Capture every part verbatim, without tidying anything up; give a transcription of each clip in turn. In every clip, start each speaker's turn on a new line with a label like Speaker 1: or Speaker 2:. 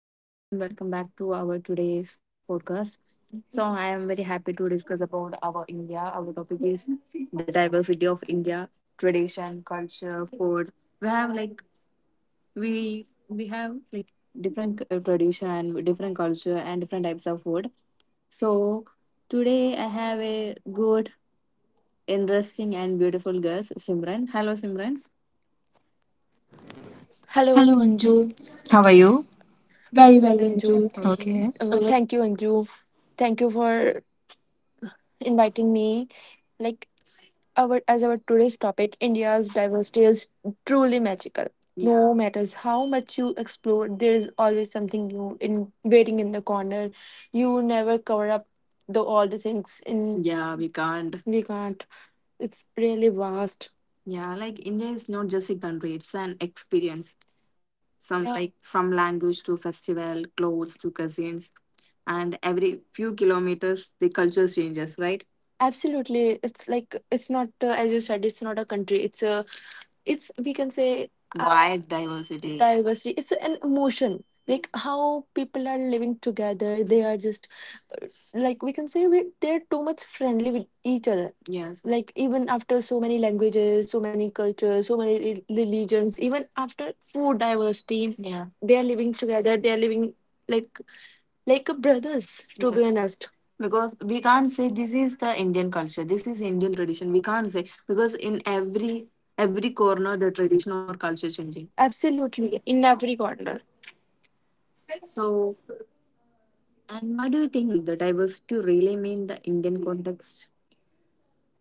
Speaker 1: Hello everyone, welcome back to our today's podcast. So I am very happy to discuss about our India. Our topic is the diversity of India, tradition, culture, food. We have like we we have like different uh, tradition, different culture, and different types of food. So today I have a good, interesting, and beautiful guest, Simran. Hello, Simran. Hello, Anju.
Speaker 2: Anju.
Speaker 1: How are
Speaker 2: How are
Speaker 1: you?
Speaker 2: you?
Speaker 1: Very well,
Speaker 2: Very well,
Speaker 1: Anju.
Speaker 2: Anju.
Speaker 1: Okay.
Speaker 2: Okay.
Speaker 1: Uh,
Speaker 2: Uh,
Speaker 1: thank you, Anju. Thank you for inviting me. Like our as our today's topic, India's diversity is truly magical. Yeah. No matters how much you explore, there is always something new in waiting in the corner. You never cover up the all the things in. Yeah, we can't. We can't. It's really vast. Yeah, like India is not just a country, it's an experience. Some. Yeah. Like from language to festival, clothes to cuisines, and every few kilometers the culture changes, right? Absolutely. It's like, it's not, uh, as you said, it's not a country, it's a it's we can say uh, wide diversity. Diversity, it's an emotion, like how people are living together, they are just, uh, like we can say, we, they're too much friendly with each other. Yes. Like even after so many languages, so many cultures, so many re- religions, even after food diversity. Yeah. They are living together, they are living like like a brothers, to be Yes. honest. Because we can't say this is the Indian culture, this is Indian tradition, we can't say, because in every every corner the tradition or culture changing. Absolutely, in every corner. So, and why do you think the diversity really mean the Indian context?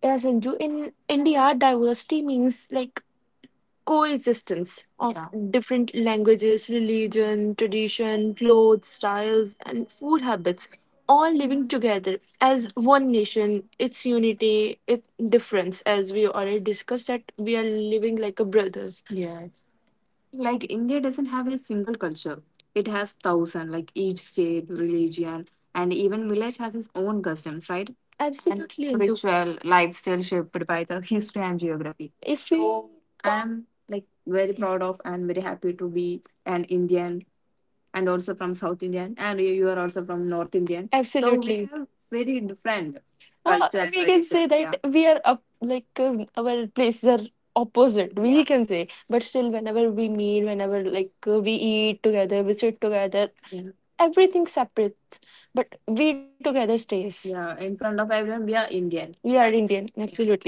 Speaker 1: Yes, Anju, in India, diversity means like coexistence of Yeah. different languages, religion, tradition, clothes, styles, and food habits, all living together as one nation, its unity, its difference, as we already discussed, that we are living like a brothers. Yes. Like India doesn't have a single culture, it has thousand, like each state religion, and even village has its own customs, right? Absolutely, and Indu. Ritual lifestyle shaped by the history and geography. If we so I'm like very proud of and very happy to be an Indian, and also from South Indian, and you are also from North Indian. Absolutely. So we are very different. Uh, culture we can tradition. Say Yeah. that yeah. we are up, like uh, our places are opposite. We Yeah. can say, but still, whenever we meet, whenever like uh, we eat together, we sit together. Yeah. Everything separate, but we together stays. Yeah. In front of everyone, we are Indian. We are Indian, yeah. Absolutely.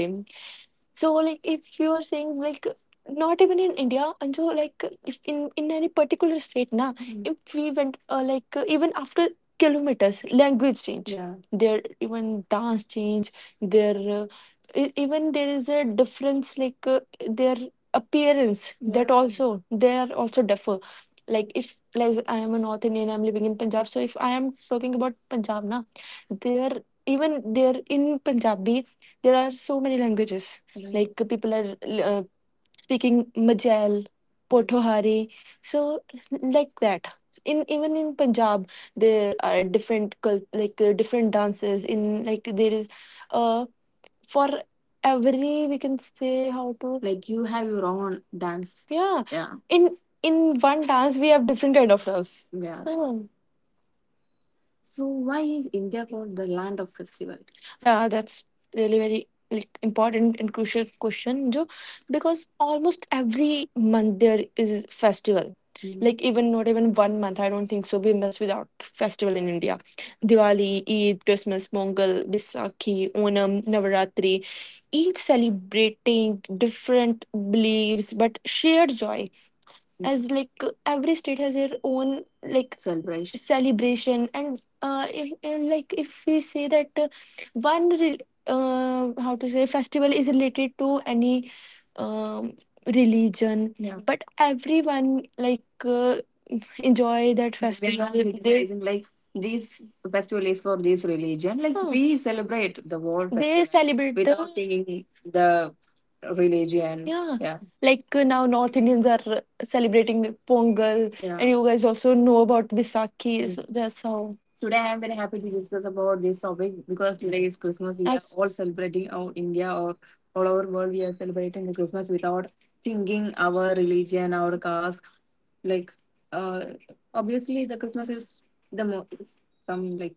Speaker 1: So like if you are saying like not even in India, and so like if in in any particular state, na, Mhm. if we went uh, like uh, even after kilometers, language change, yeah. Their even dance change, their, uh, e- even there is a difference, like uh, their appearance, that Yeah. also they are also differ. Like if like I am a North Indian, I'm living in Punjab. So if I am talking about Punjab, na, there even there in Punjabi there are so many languages. Right. Like uh, people are, uh, speaking Majel, Potohari, so like that. In even in Punjab, there are different cul- like uh, different dances. In like there is, uh, for every we can say how to like you have your own dance. Yeah. Yeah. In in one dance we have different kind of dance. Yeah. Hmm. So why is India called the land of festival? Yeah, that's really very like important and crucial question, Jo, because almost every month there is festival. Hmm. Like even not even one month, I don't think so. We miss without festival in India. Diwali, Eid, Christmas, Pongal, Bisakhi, Onam, Navaratri, each celebrating different beliefs but shared joy, as like every state has their own like celebration, celebration. And uh, if, uh, like if we say that uh, one re- uh, how to say festival is related to any um, religion. Yeah. But everyone like uh, enjoy that festival. We are festival. Not they criticizing, like this festival is for this religion, like Hmm. we celebrate the world they festival celebrate without the without thinking the religion, yeah. Yeah. Like uh, now, North Indians are uh, celebrating Pongal, yeah, and you guys also know about Visakhi. Mm. So that's how. Today I'm very happy to discuss about this topic, because today is Christmas, we are Abs- all celebrating our India, or all over world we are celebrating the Christmas without thinking our religion, our caste, like uh, obviously, the Christmas is the most from like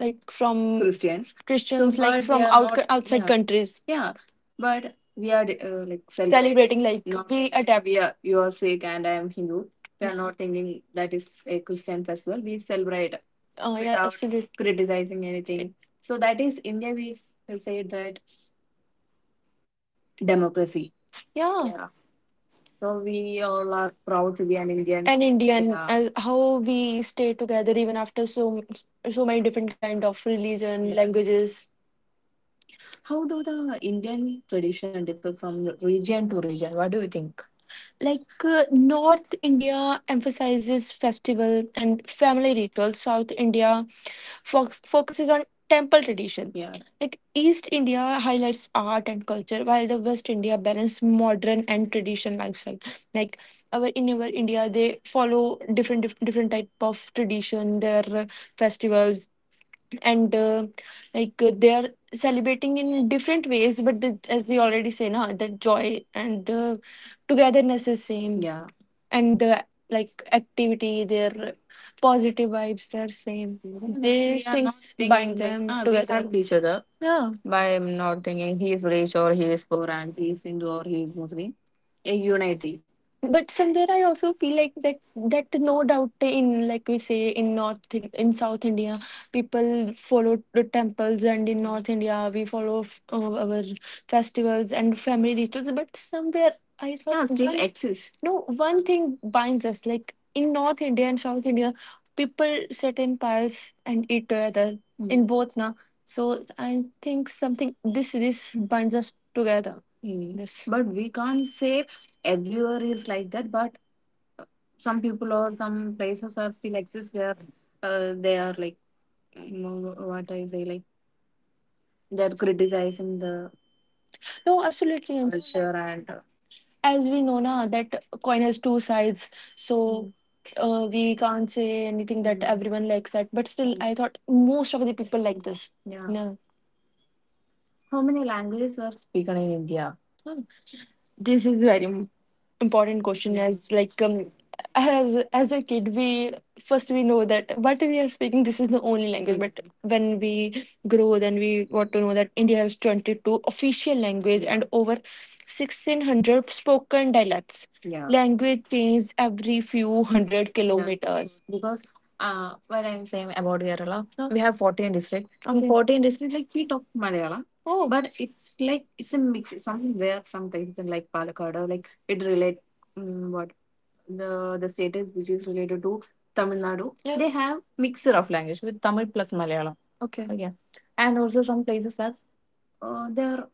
Speaker 1: like from Christians. Christians, so, like, but from they are out, not- outside yeah. countries. Yeah, but we are uh, like cel- celebrating like not- we adapt. We are you are Sikh and I am Hindu. We are Yeah. not thinking that is a Christian festival. We celebrate Oh yeah, without absolutely. Criticizing anything. So that is India. We s- say that democracy. Yeah, yeah. So we all are proud to be an Indian. And Indian Yeah. as how we stay together even after so so many different kind of religion Yeah. languages. How do the Indian tradition differ from region to region? What do you think? Like uh, North India emphasizes festival and family rituals. South India fox- focuses on temple tradition. Yeah. Like East India highlights art and culture, while the West India balance modern and tradition lifestyle. Like our in our India, they follow different dif- different type of tradition, their uh, festivals, and uh, like uh, they are celebrating in different ways, but the, as we already say now, that joy and uh, togetherness is same, yeah, and the like activity their positive vibes they are same, these are not things thinking bind thinking like them ah, they together help each other, yeah, by not thinking he is rich or he is poor and he is Hindu or he is Muslim. A unity. But somewhere I also feel like that that no doubt in like we say in North in, in South India people follow the temples, and in North India we follow f- uh, our festivals and family rituals. But somewhere I thought Yeah, still one exists. No one thing binds us like in North India and South India people sit in piles and eat together Mm. in both now. So I think something this this binds us together. Mm. This. But we can't say everywhere is like that, but uh, some people or some places are still exist where uh, they are like, you know, what I say like they're criticizing the No, absolutely. And culture and uh, as we know now that coin has two sides, so uh, we can't say anything that Mm. everyone likes that. But still, I thought most of the people like this. Yeah. No. How many languages are spoken in India? This is very important question. Yeah. As like um, as as a kid we first we know that what we are speaking this is the only language, but when we grow then we got to know that India has twenty-two official language and over sixteen hundred spoken dialects, yeah. Language changes every few hundred kilometers, because uh, what I'm saying about Kerala, we have fourteen districts. Okay. fourteen districts, like we talk Malayalam. Oh. But it's like, it's a mix. Something where some places in like Palakkad or like it relate mm, what the the status which is related to Tamil Nadu. Yeah. They have mixture of language with Tamil plus Malayalam. Okay. Okay, and also some places have uh, their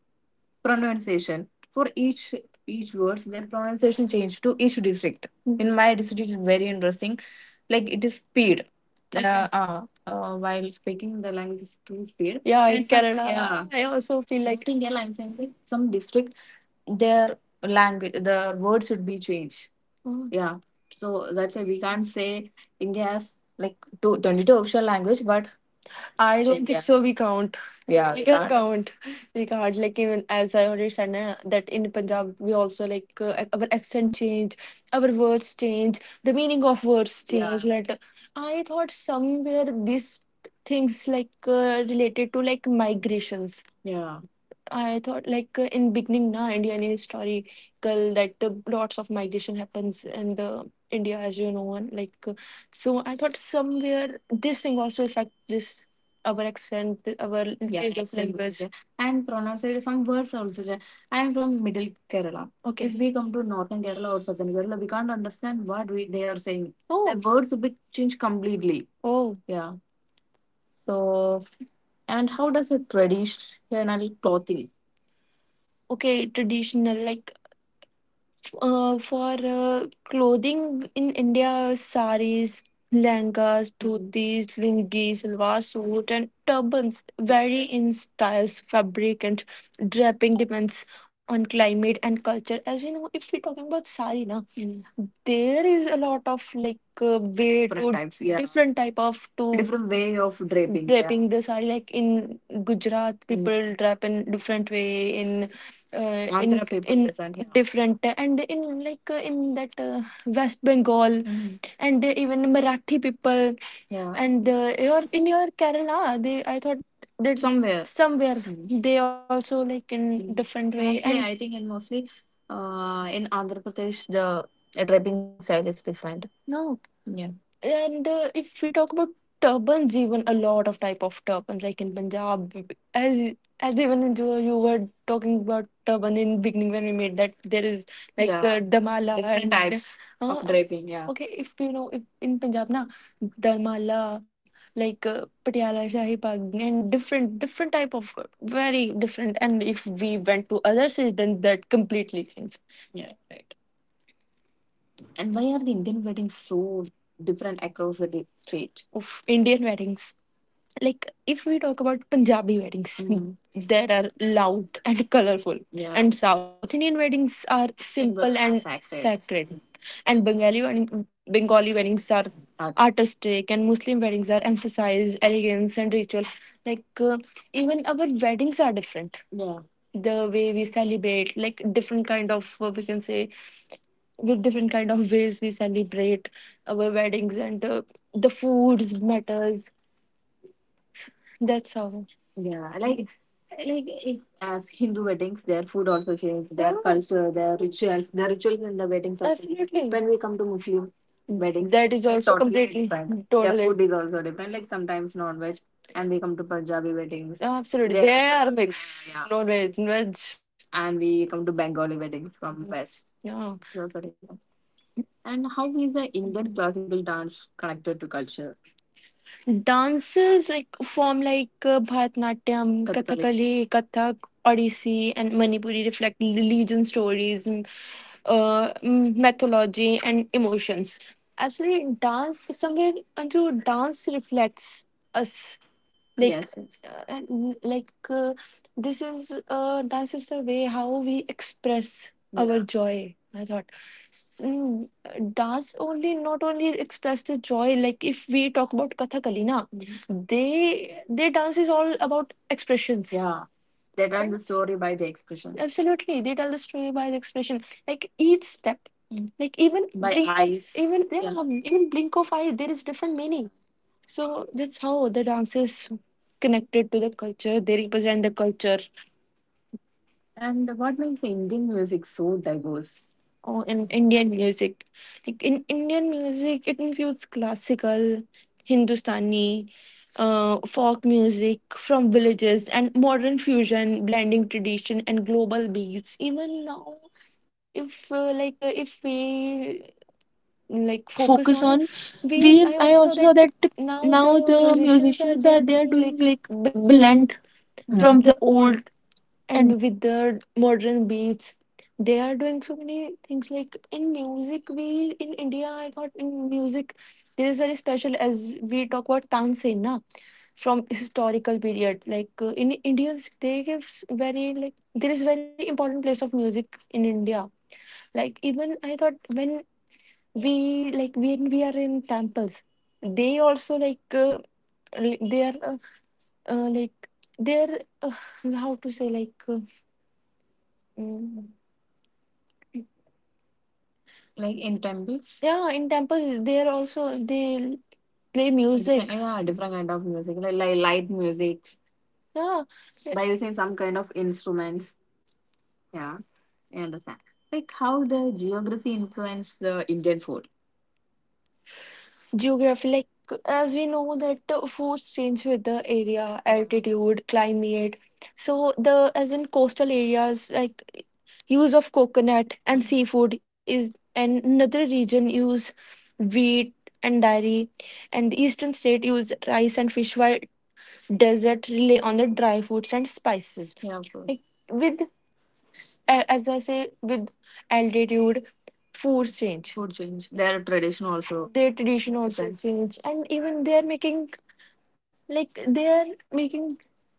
Speaker 1: pronunciation for each each words, their pronunciation change to each district. Mm-hmm. In my district, is very interesting. Like it is speed. Okay. Uh, uh, uh, while speaking the language is too speed. Yeah, and in some- Kerala, yeah. I also feel like Like in Kerala, I'm saying like some district their language the word should be changed. Mm. Yeah. So that's why we can't say India has like two, twenty-two official language, but I So, don't yeah. think yeah. so. We count. Yeah. We can count. We can't like even as I already said na, that in Punjab we also like uh, e, our accent change, our words change, the meaning of words yeah. change. Yeah. Like I thought somewhere these things like uh, related to like migrations. Yeah. I thought like uh, in beginning na Indian historical that uh, lots of migration happens in the India, as you know, and like uh, so I thought somewhere this thing also affect this our accent, th- our Yeah, lineage of accent is language. Is there. And pronunciation, some words are also there. I am from middle Kerala. Okay. If we come to northern Kerala or southern Kerala, we can't understand what we, they are saying. The Oh, words will be changed completely. Oh, Yeah. So, and how does a traditional clothing? Okay. Traditional, like Uh, for uh, clothing in India, saris, langas, dhotis, lungis, salwar suit, and turbans vary in styles, fabric, and draping depends on climate and culture. As we know, if we're talking about sari, na, Mm. there is a lot of like uh, way different to types, yeah, different type of to different way of draping, yeah, draping, yeah, the sari. Like in Gujarat, Mm, people drap in different way in uh, in Andhra people in different here, different and in like uh, in that uh, West Bengal. Mhm. And even Marathi people. Yeah. And uh, your in your Kerala they, I thought that somewhere, somewhere, Mm, they also like in, Mm, different way. Mostly, and I think, and mostly uh, in Andhra Pradesh, the draping style is different. No. Yeah. And uh, if we talk about turbans, even a lot of type of turbans like in Punjab, as as even in you you were talking about turban in beginning when we made that, there is like, Yeah, uh, damala different and types of uh, draping. Yeah. Okay, if you know, if in punjab na, damala, like uh, patiala shahi pag and different different type of uh, very different. And if we went to other cities, then that completely changed. Yeah. Right. And why are the Indian weddings so different across the di- state? Of indian weddings, like if we talk about Punjabi weddings, Mhm, there are loud and colorful, Yeah, and South Indian weddings are simple, simple and and sacred, sacred, and Bengali wedding, Bengali weddings are artist, artistic, and Muslim weddings are emphasized elegance and ritual. Like uh, even our weddings are different. Yeah. The way we celebrate, like different kind of, uh, we can say, with different kind of ways we celebrate our weddings, and uh, the foods matters, that's all. Yeah, like like if as Hindu weddings, their food also changes, their, yeah, culture, their rituals, their rituals in the weddings are changed, absolutely. When we come to Muslim weddings, that is, it's also totally completely different. Their totally food is also different. Like sometimes non-veg, and we come to Punjabi weddings, absolutely, they are, they are, yeah, mix, yeah, no veg, veg. And we come to Bengali weddings from West. Yeah. It's also different. And how is the Indian classical dance connected to culture? Dances like form like uh, Bharatanatyam, Kathakali, Kathakali, Kathak, Odissi, and Manipuri reflect religion stories, m- uh, m- mythology, and emotions. Absolutely, dance somewhere unto dance reflects us, like, yes, yes. uh, and w- like uh, This is uh, dance is the way how we express, Yeah, our joy. I thought S- mm, uh, dance only not only express the joy. Like if we talk about kathakali na, Mhm, they, their dance is all about expressions. Yeah. They tell right the story by the expression, absolutely, they tell the story by the expression like each step, Mm, like even by blink of eyes, even, Yeah, yeah, even blink of eye there is different meaning. So that's how the dance is connected to the culture. They represent the culture. And what makes Indian music so diverse? Oh, in Indian music, like in Indian music, it includes classical, Hindustani, uh, folk music from villages, and modern fusion, blending tradition and global beats. Even now, if uh, like uh, if we like focus
Speaker 2: Focus
Speaker 1: on,
Speaker 2: on. We.
Speaker 1: we, I
Speaker 2: I
Speaker 1: also
Speaker 2: also
Speaker 1: saw
Speaker 2: saw that
Speaker 1: that now
Speaker 2: now
Speaker 1: the
Speaker 2: the
Speaker 1: musicians
Speaker 2: musicians
Speaker 1: are,
Speaker 2: are
Speaker 1: they
Speaker 2: they
Speaker 1: are
Speaker 2: are doing
Speaker 1: doing like
Speaker 2: like
Speaker 1: blend,
Speaker 2: blunt.
Speaker 1: Hmm,
Speaker 2: Mm.
Speaker 1: from
Speaker 2: From
Speaker 1: the
Speaker 2: the
Speaker 1: old
Speaker 2: old. And
Speaker 1: and with the modern beats, they are doing so many things. Like in music we in india, I thought in music there is very special. As we talk about tansei na, from historical period, like uh, in indians they gives very like there is very important place of music in india. Like even I thought, when we like when we are in temples, they also like uh, li- they are uh, uh, like they're uh, how to say like uh, mm, like in temples, yeah, in temples they're also they play music, yeah, different kind of music like, like light musics, yeah, by using some kind of instruments, yeah, I understand. Like how the geography influence the indian food? Geography, like as we know that uh, foods change with the area, altitude, climate. So the, as in coastal areas, like use of coconut and seafood is, and another region use wheat and dairy, and eastern state use rice and fish, while desert rely on the dry foods and spices. Yeah, of course. Like with, a- as I say, with altitude, foods change. Food change. Their tradition also. Their tradition also depends change, and even they are making, like they are making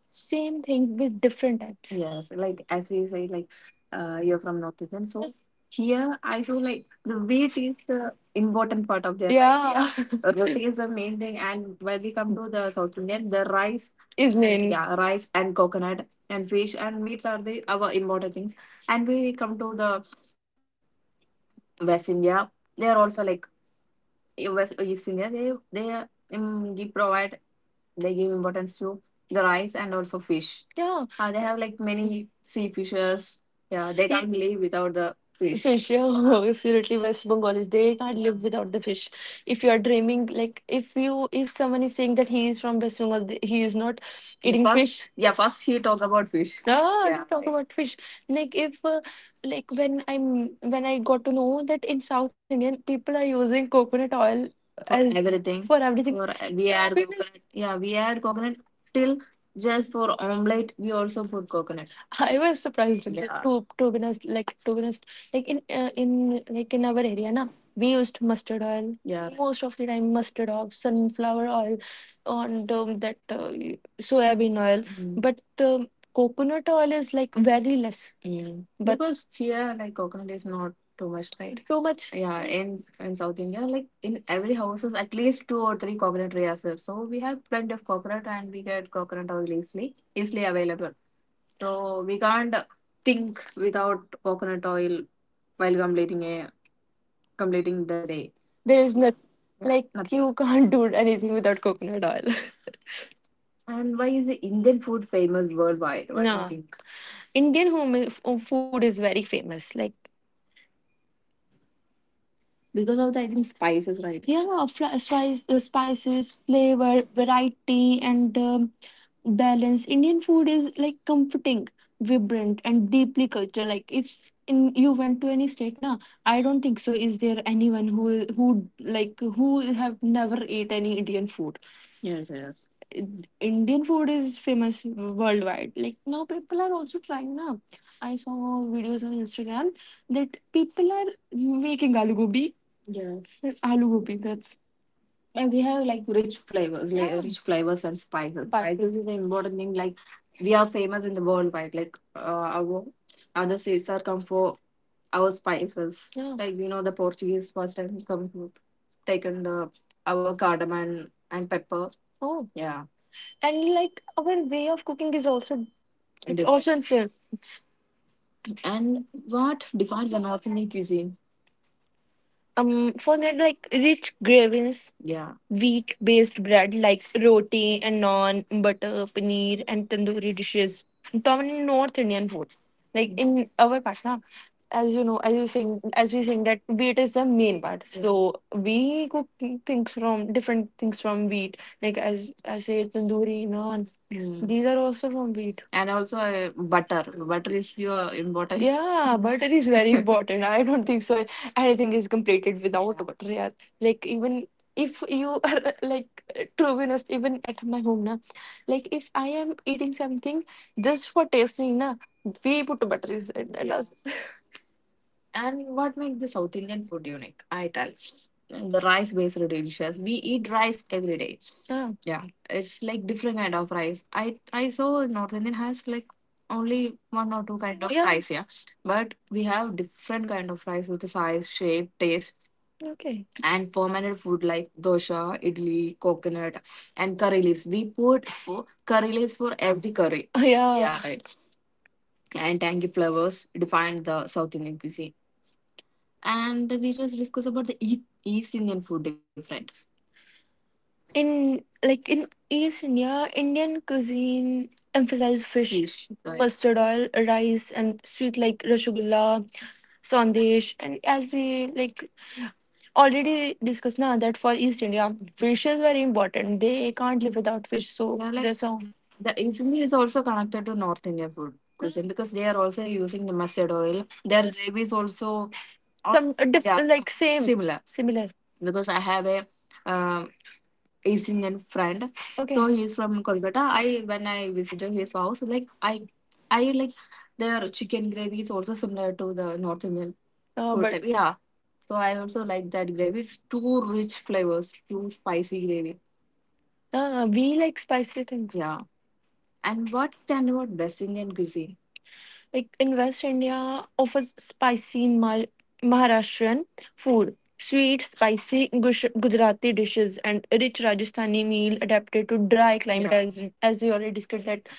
Speaker 1: same thing with different types. Yes, like as we say, like uh, you're from North northeastern, so here I saw like the wheat is the important part of their life. Yeah, life. Yeah. Roti is the main thing, and when we come to the South Indian, the rice is main, yeah, rice and coconut and fish and meats are the our important things. And we come to the West India, they are also like, eh, West East India, They they um, they provide, they give importance to the rice and also fish. Yeah. Uh, they have like many sea fishes. Yeah, they, Yeah, can't live without the fish, fish. Yeah, absolutely. West Bengalis they can't live without the fish. If you are dreaming, like if you, if someone is saying that he is from West Bengal, th- he is not, Yeah, eating first, fish. Yeah, first he talk about fish. Ah, yeah, talk right about fish. Like if uh, like when I'm When I got to know that in South Indian people are using coconut oil for as everything, for everything. For we add because coconut. Yeah, we add coconut till just for omelette. We also put coconut. I was surprised like, Yeah, to to be honest, like to be honest, like in uh, in like in our area na, we used mustard oil, Yeah, most of the time mustard oil, sunflower oil, and um, that uh, soybean oil, Mm, but um, coconut oil is like very less, Mm, but because here, like coconut is not. Too much light. Too much. Yeah, in in South India, like in every houses, at least two or three coconut trees are there. So we have plenty of coconut, and we get coconut oil easily, easily available. So we can't think without coconut oil while completing a, completing the day. There is nothing. Yeah, like nothing. You can't do anything without coconut oil. And why is Indian food famous worldwide? What do you, Nah, think? Indian home, f- food is very famous. Like because of the, I think, spices, right? Yeah, fri- spice, uh, spices, flavor, variety, and um, balance. Indian food is like comforting, vibrant, and deeply cultural. Like if in you went to any state, na, I don't think so. Is there anyone who who like who have never ate any Indian food? Yes, yes. Ind- Indian food is famous worldwide. Like now, people are also trying. Na, I saw videos on Instagram that people are making aloo gobi. Yes. With aloo gobi, that's. And we have like rich flavors, like, Yeah, rich flavors and spices. Spices is an important thing. Like we are famous in the worldwide. Like uh, our other states are come for our spices, yeah. Like you know, the Portuguese first time come to- taken the our cardamom and pepper. Oh, yeah. And like our way of cooking is also, it's different, also influenced. And what defines an authentic cuisine? Um, for that, like rich gravins, yeah, wheat-based bread like roti and naan, butter, paneer, and tandoori dishes dominant North Indian food. Like in our part, na, as you know, as you saying, as we saying that wheat is the main part. So we cook things from different things from wheat. Like as I say, tandoori, naan. Mm. These are also from wheat. And also uh, butter. Butter is your important. Yeah, butter is very important. I don't think so anything is completed without water, yeah. Like even if you are like to be honest, even at my home na, like if I am eating something just for tasting na, we put butter inside that does. And what makes the South Indian food unique? I tell. The rice based dishes. We eat rice every day. Mm. Yeah. It's like different kind of rice. I I saw North Indian has like only one or two kind of, Yeah, rice, yeah. But we have different kind of rice with the size, shape, taste, Okay, and fermented food like dosha, idli, coconut, and curry leaves. We put for curry leaves for every curry. Yeah. Yeah, right. And tangy flavors define the South Indian cuisine. And we just discuss about the E- East Indian food different. In like in East India, Indian cuisine emphasizes fish. Fish, right? Mustard oil, rice, and sweet like rasgulla, sandesh. And as we like already discussed now that for East India, fish is very important. They can't live without fish. So yeah, like there's a the East India is also connected to North Indian food cuisine because they are also using the mustard oil. Their gravy is also some uh, diff- yeah, like same, similar. similar. Because I have a um, East Indian friend. Okay, so okay, he's from Kolkata. I when I visited his house, like I, I like their chicken gravy is also similar to the North Indian. Oh, food but type. Yeah, so I also like that gravy. It's too rich flavors, too spicy gravy. Ah, we like spicy things. Yeah. And what's stand about West Indian cuisine? Like, in West India, offers spicy Mar- Maharashtrian food, sweet, spicy Gush- Gujarati dishes, and rich Rajasthani meal adapted to dry climate. Yeah. As as we already discussed, that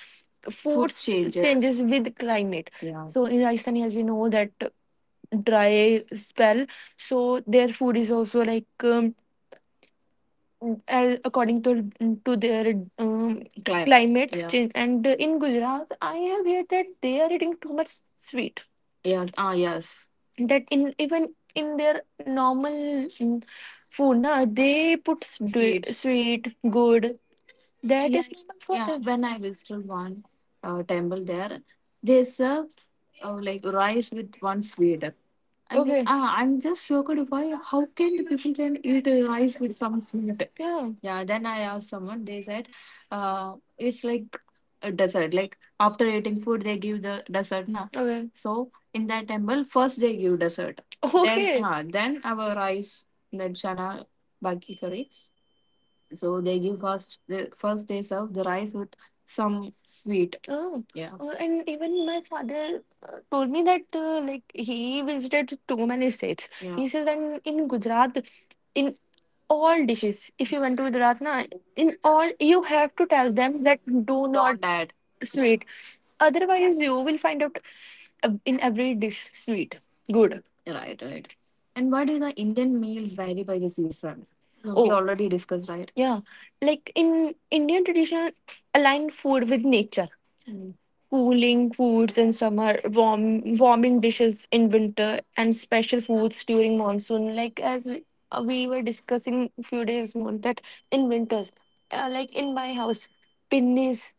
Speaker 1: food changes. Changes with climate. Yeah. So in Rajasthani, as we know that dry spell, so their food is also like. Um, as according to to their um, climate. Climate, yeah, change. And uh, in Gujarat, I have heard that they are eating too much sweet. Yes. Ah, yes. That in even in their normal mm, food, na, they put sweet. Sweets. Sweet good. That is yeah, normal for yeah them. When I visited one uh, temple there, they serve uh, like rice with one sweet. I mean, okay, ah, I'm just shocked why. How can the people can eat rice with some sweet? Yeah. Yeah. Then I asked someone. They said, uh, it's like a dessert. Like after eating food, they give the dessert, na. Okay. So in that temple, first they give dessert. Then, okay, ah, then our rice, then chana, baki curry. So they give first the first they serve the rice with some sweet. Oh, yeah. Uh, and even my father uh, told me that uh, like he visited too many states. Yeah. He says that in Gujarat, in all dishes, if you went to Gujarat, na, in all you have to tell them that do not. Don't add sweet. Otherwise, you will find out uh, in every dish sweet, good. Right, right. And why do the Indian meals vary by the season? Oh. We already discussed, right? Yeah, like in Indian tradition, align food with nature. Mm. Cooling foods in summer, warm warming dishes in winter, and special foods during monsoon. Like as we uh, we were discussing a few days more that in winters, uh, like in my house, pinnies,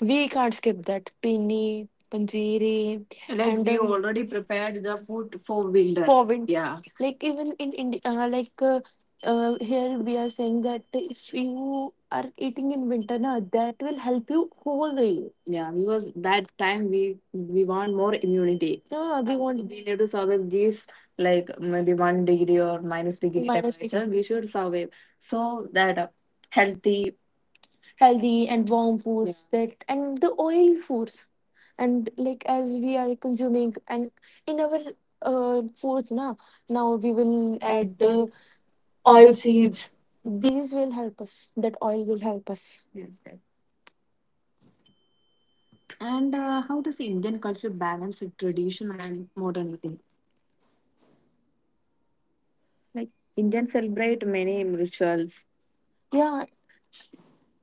Speaker 1: we can't skip that pinni, panjiri. Like, and we um, already prepared the food for winter. For winter. Yeah. Like even in India, uh, like uh, uh, here we are saying that if you are eating in winter na that will help you whole the. Yeah, because that time we we want more immunity. Yeah, we want we need to survive these like maybe one degree or minus degree minus degree temperature. We should survive so that uh, healthy. Healthy and warm, yeah, foods that and the oil foods and like as we are consuming and in our uh, foods na now we will
Speaker 2: add
Speaker 1: add
Speaker 2: the
Speaker 1: uh,
Speaker 2: oil
Speaker 1: oil seeds.
Speaker 2: seeds. The
Speaker 1: These will help us. That oil will help us. Yes, yes. And uh, how does Indian culture balance the tradition and modernity? Like, Indians celebrate many rituals. Yeah,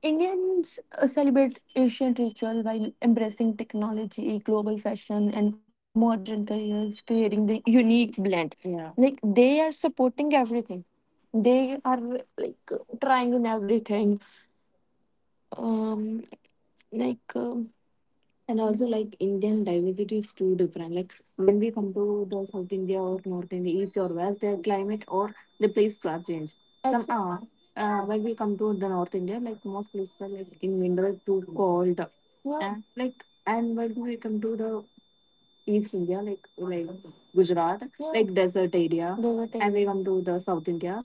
Speaker 1: Indians uh, celebrate ancient ritual while embracing technology, global fashion, and modern careers, creating the unique blend. Yeah. Like, they are supporting everything. They are like trying in everything. Um, like. um and also like Indian diversity is too different. Like when we come to the South India or North India, East or West, their climate or the places are changed. Some are uh, when we come to the North India, like most places are like in winter too cold. Yeah. And, like, and when we come to the East India, like like Gujarat, yeah, like desert area. Desert and we area. Come to the South India.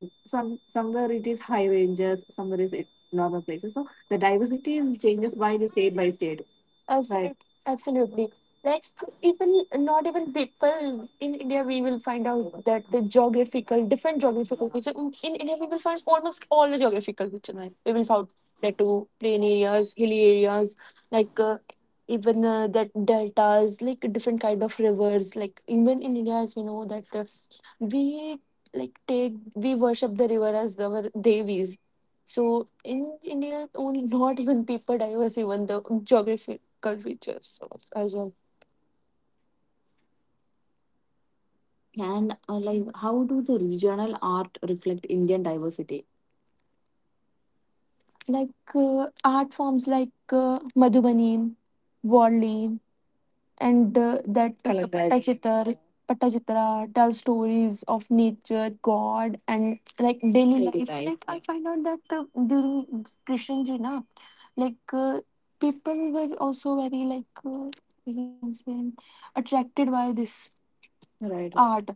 Speaker 1: Some somewhere it is high ranges, somewhere is it normal places. So the diversity is changes by the state by state. Right? Absolutely, absolutely. Like, even not even people in India, we will find out that the geographical different geographical feature in in India we will find almost all the geographical feature. Right? We will find that to plain areas, hilly areas, like uh, even uh, that deltas like different kind of rivers, like even in india as we know that uh, we like take we worship the river as our devis. So in india only not even people diverse, even the geographical features as well. And uh, like, how do the regional art reflect Indian diversity? like uh, Art forms like uh, madhubani, Warli, and uh, that uh, Talaga. Patachitra, Patachitra tells stories of nature, God, and like daily life. Like, I find out that uh, during Christian na, like uh, people were also very like uh, we can say attracted by this, right, art.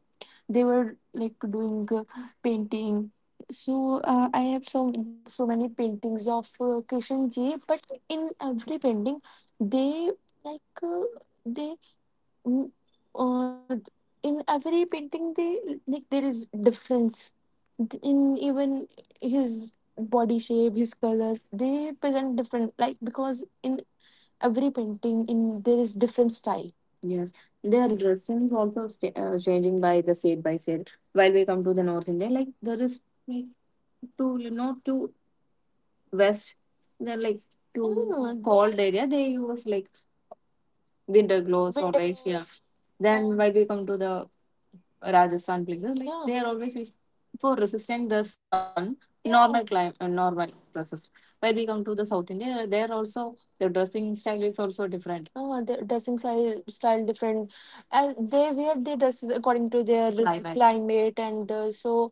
Speaker 1: They were like doing uh, painting. So uh, I have so so many paintings of uh, Krishan ji, but in every painting, they like. Uh, they Mm, uh, in every painting they like there is difference in even his body shape, his color. They present different, like, because in every painting in there is different style. Yes, their dressing is also sta uh, changing by the state by state. While we come to the north india, like there is like to not to west they're like to no, no, no, cold area they use like winter clothes or winter ice yeah clothes. Then while we come to the Rajasthan places, like, yeah, they are always is- for resisting the sun, yeah, normal climate, normal process. When we come to the South India, there also the dressing style is also different. Oh, the dressing style style different, and they wear their dresses according to their climate. Climate, and uh, so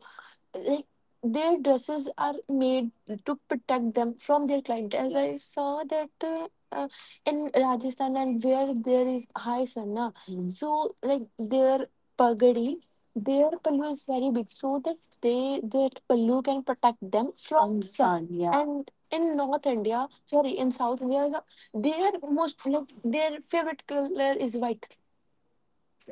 Speaker 1: like their dresses are made to protect them from their client. As I saw that uh, uh, in rajasthan and where there is high sun na, mm, so like their pagadi, their pallu is very big so that they that pallu can protect them from. From sun, sun, yeah. And in north india, sorry, in south india, their most like their favorite color is white.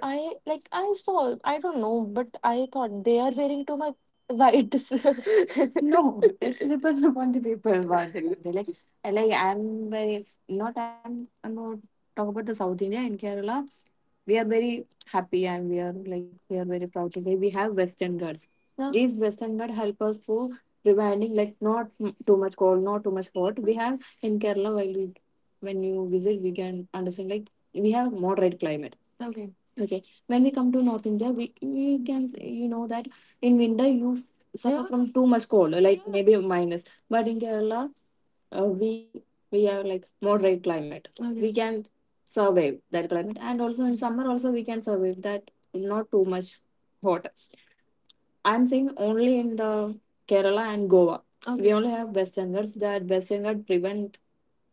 Speaker 1: I like I saw I don't know, but I thought they are wearing too much whites. No, it's depend upon the people what they want. Like, I- like I'm very not, I'm, I'm not talk about the South India in Kerala. We are very happy and we are like we are very proud today. We have Western Ghats. No. These Western Ghats help us for reminding like not m- too much cold, not too much hot. We have in Kerala while we when you visit, we can understand like we have moderate climate. Okay. Okay, when we come to north india, we, we can say, you know that in winter you f- suffer, yeah, from too much cold, like, yeah, maybe minus. But in kerala uh, we we have like moderate climate. Okay, we can survive that climate, and also in summer also we can survive that not too much hot. I'm saying only in the Kerala and Goa. Okay. We okay only have Western Ghats. That Western Ghats prevent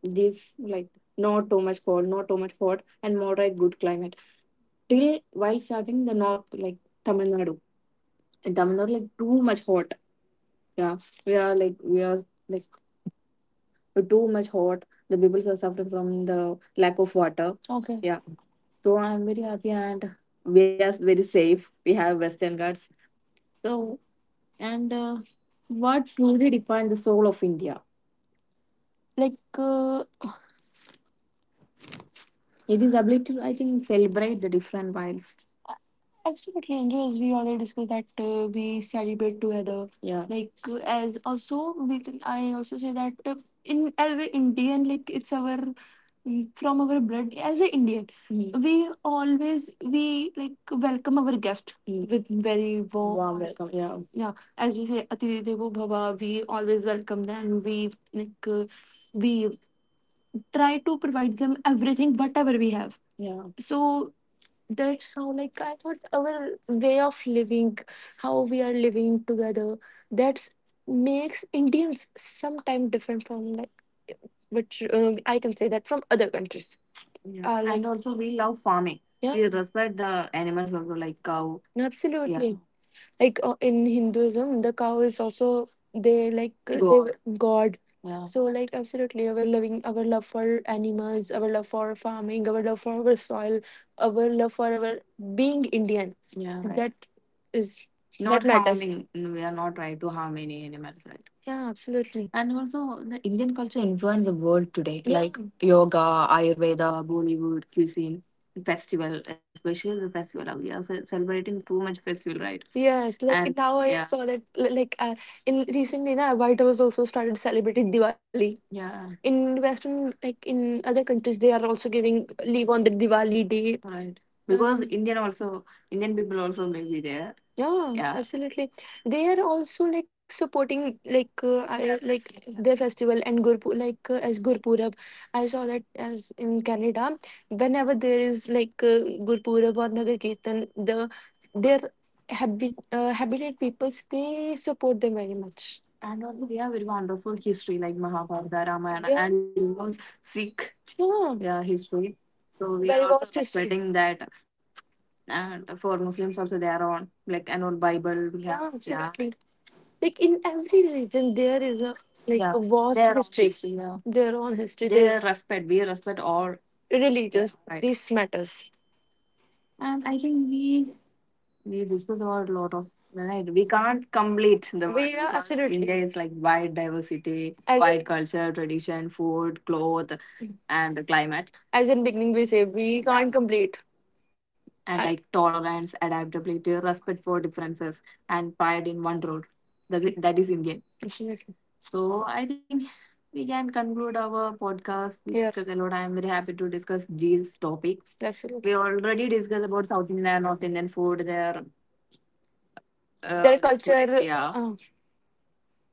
Speaker 1: this like not too much cold, not too much hot, and moderate good climate. Till while starting the north, like Tamil Nadu. In Tamil Nadu, like too much hot. Yeah, we are like we are like too much hot. The people are suffering from the lack of water. Okay. Yeah, so I'm very happy and we are very safe. We have Western Ghats. So, and uh, what truly defines the soul of India? Like, uh, it is ability to, I think, celebrate the different vibes. Absolutely, and as we already discussed that uh, we celebrate together. Yeah. Like uh, as also we can, I also say that uh, in as an Indian, like it's our mm, from our blood as an Indian, mhm, we always we like welcome our guest, mm, with very warm. Warm welcome. Yeah. Yeah, as we say, Atiri Devo Bhava. We always welcome them. We like uh, we try to provide them everything whatever we have. Yeah, so that's how like I thought our way of living, how we are living together, that's makes indians sometimes different from like, which um, I can say that from other countries. Yeah uh, like, and also we love farming. Yeah, we respect the animals also like cow. Yeah, absolutely. Yeah, like uh, in Hinduism, the cow is also they like uh, they, God. Yeah. So like absolutely, our loving, our love for animals, our love for farming, our love for our soil, our love for our being Indian. Yeah. Right. That is not that matters. Harming. We are not trying to harm any animals. Right. Yeah, absolutely. And also, the Indian culture influenced the world today, yeah, like yoga, Ayurveda, Bollywood, cuisine, festival, especially the festival. We are fe- celebrating too much festival, right? Yes, like. And now I yeah saw that li- like uh, in recently na White House also started celebrating Diwali. Yeah, in Western like in other countries they are also giving leave on the Diwali day. Right. Because, mm, Indian also, Indian people also may be there. Yeah, yeah, absolutely. They are also like supporting like uh, I, like their festival and Gurpur like uh, as Gurpurab. I saw that as in Canada, whenever there is like uh, Gurpurab or Nagar Kirtan, the their habit, uh, habited peoples, they support them very much. And also, we have very wonderful history like Mahabharata, Ramayana. Yeah, and you know, Sikh yeah yeah history. So we very are also vast history respecting that. And for Muslims also, they are on like an old Bible. We have. Yeah, yeah, absolutely. Like, in every religion, there is a like yeah a vast. Their own history, history. Yeah, their own history, they their respect. We respect all religions. Religious, right. These matters. And I think we we discuss about a lot of right. We can't complete the world. We are because absolutely india is like wide diversity. As wide in culture, tradition, food, cloth and climate as in beginning, we said we can't complete. And I, like, tolerance, adaptability, respect for differences, and pride in one road, that's it, that is indian. Definitely. So I think we can conclude our podcast. We yeah discussed a lot. I am very happy to discuss these topic. Absolutely. We already discussed about South Indian and North Indian food, their uh, their rituals, culture, rituals, yeah. Uh,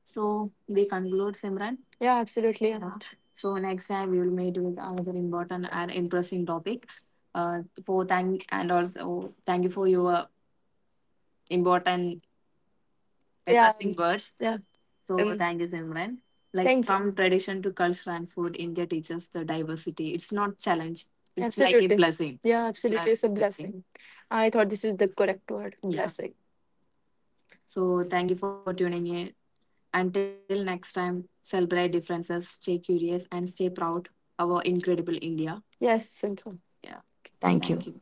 Speaker 1: So we conclude, Simran. Yeah, absolutely. Yeah. Anant. So next time we will meet with another important and interesting topic. Uh, for thank and also thank you for your important, yeah, interesting words. Yeah. So and thank you, Simran. Like, thank you. From tradition to culture and food, India teaches the diversity. It's not challenge. It's like a, absolutely, blessing. Yeah, it's absolutely like it's a a blessing. Blessing. I thought this is the correct word, yeah, blessing. So thank you for tuning in. Until next time, celebrate differences, stay curious, and stay proud of our incredible India. Yes, Santu. Yeah,
Speaker 2: thank you.
Speaker 1: thank you.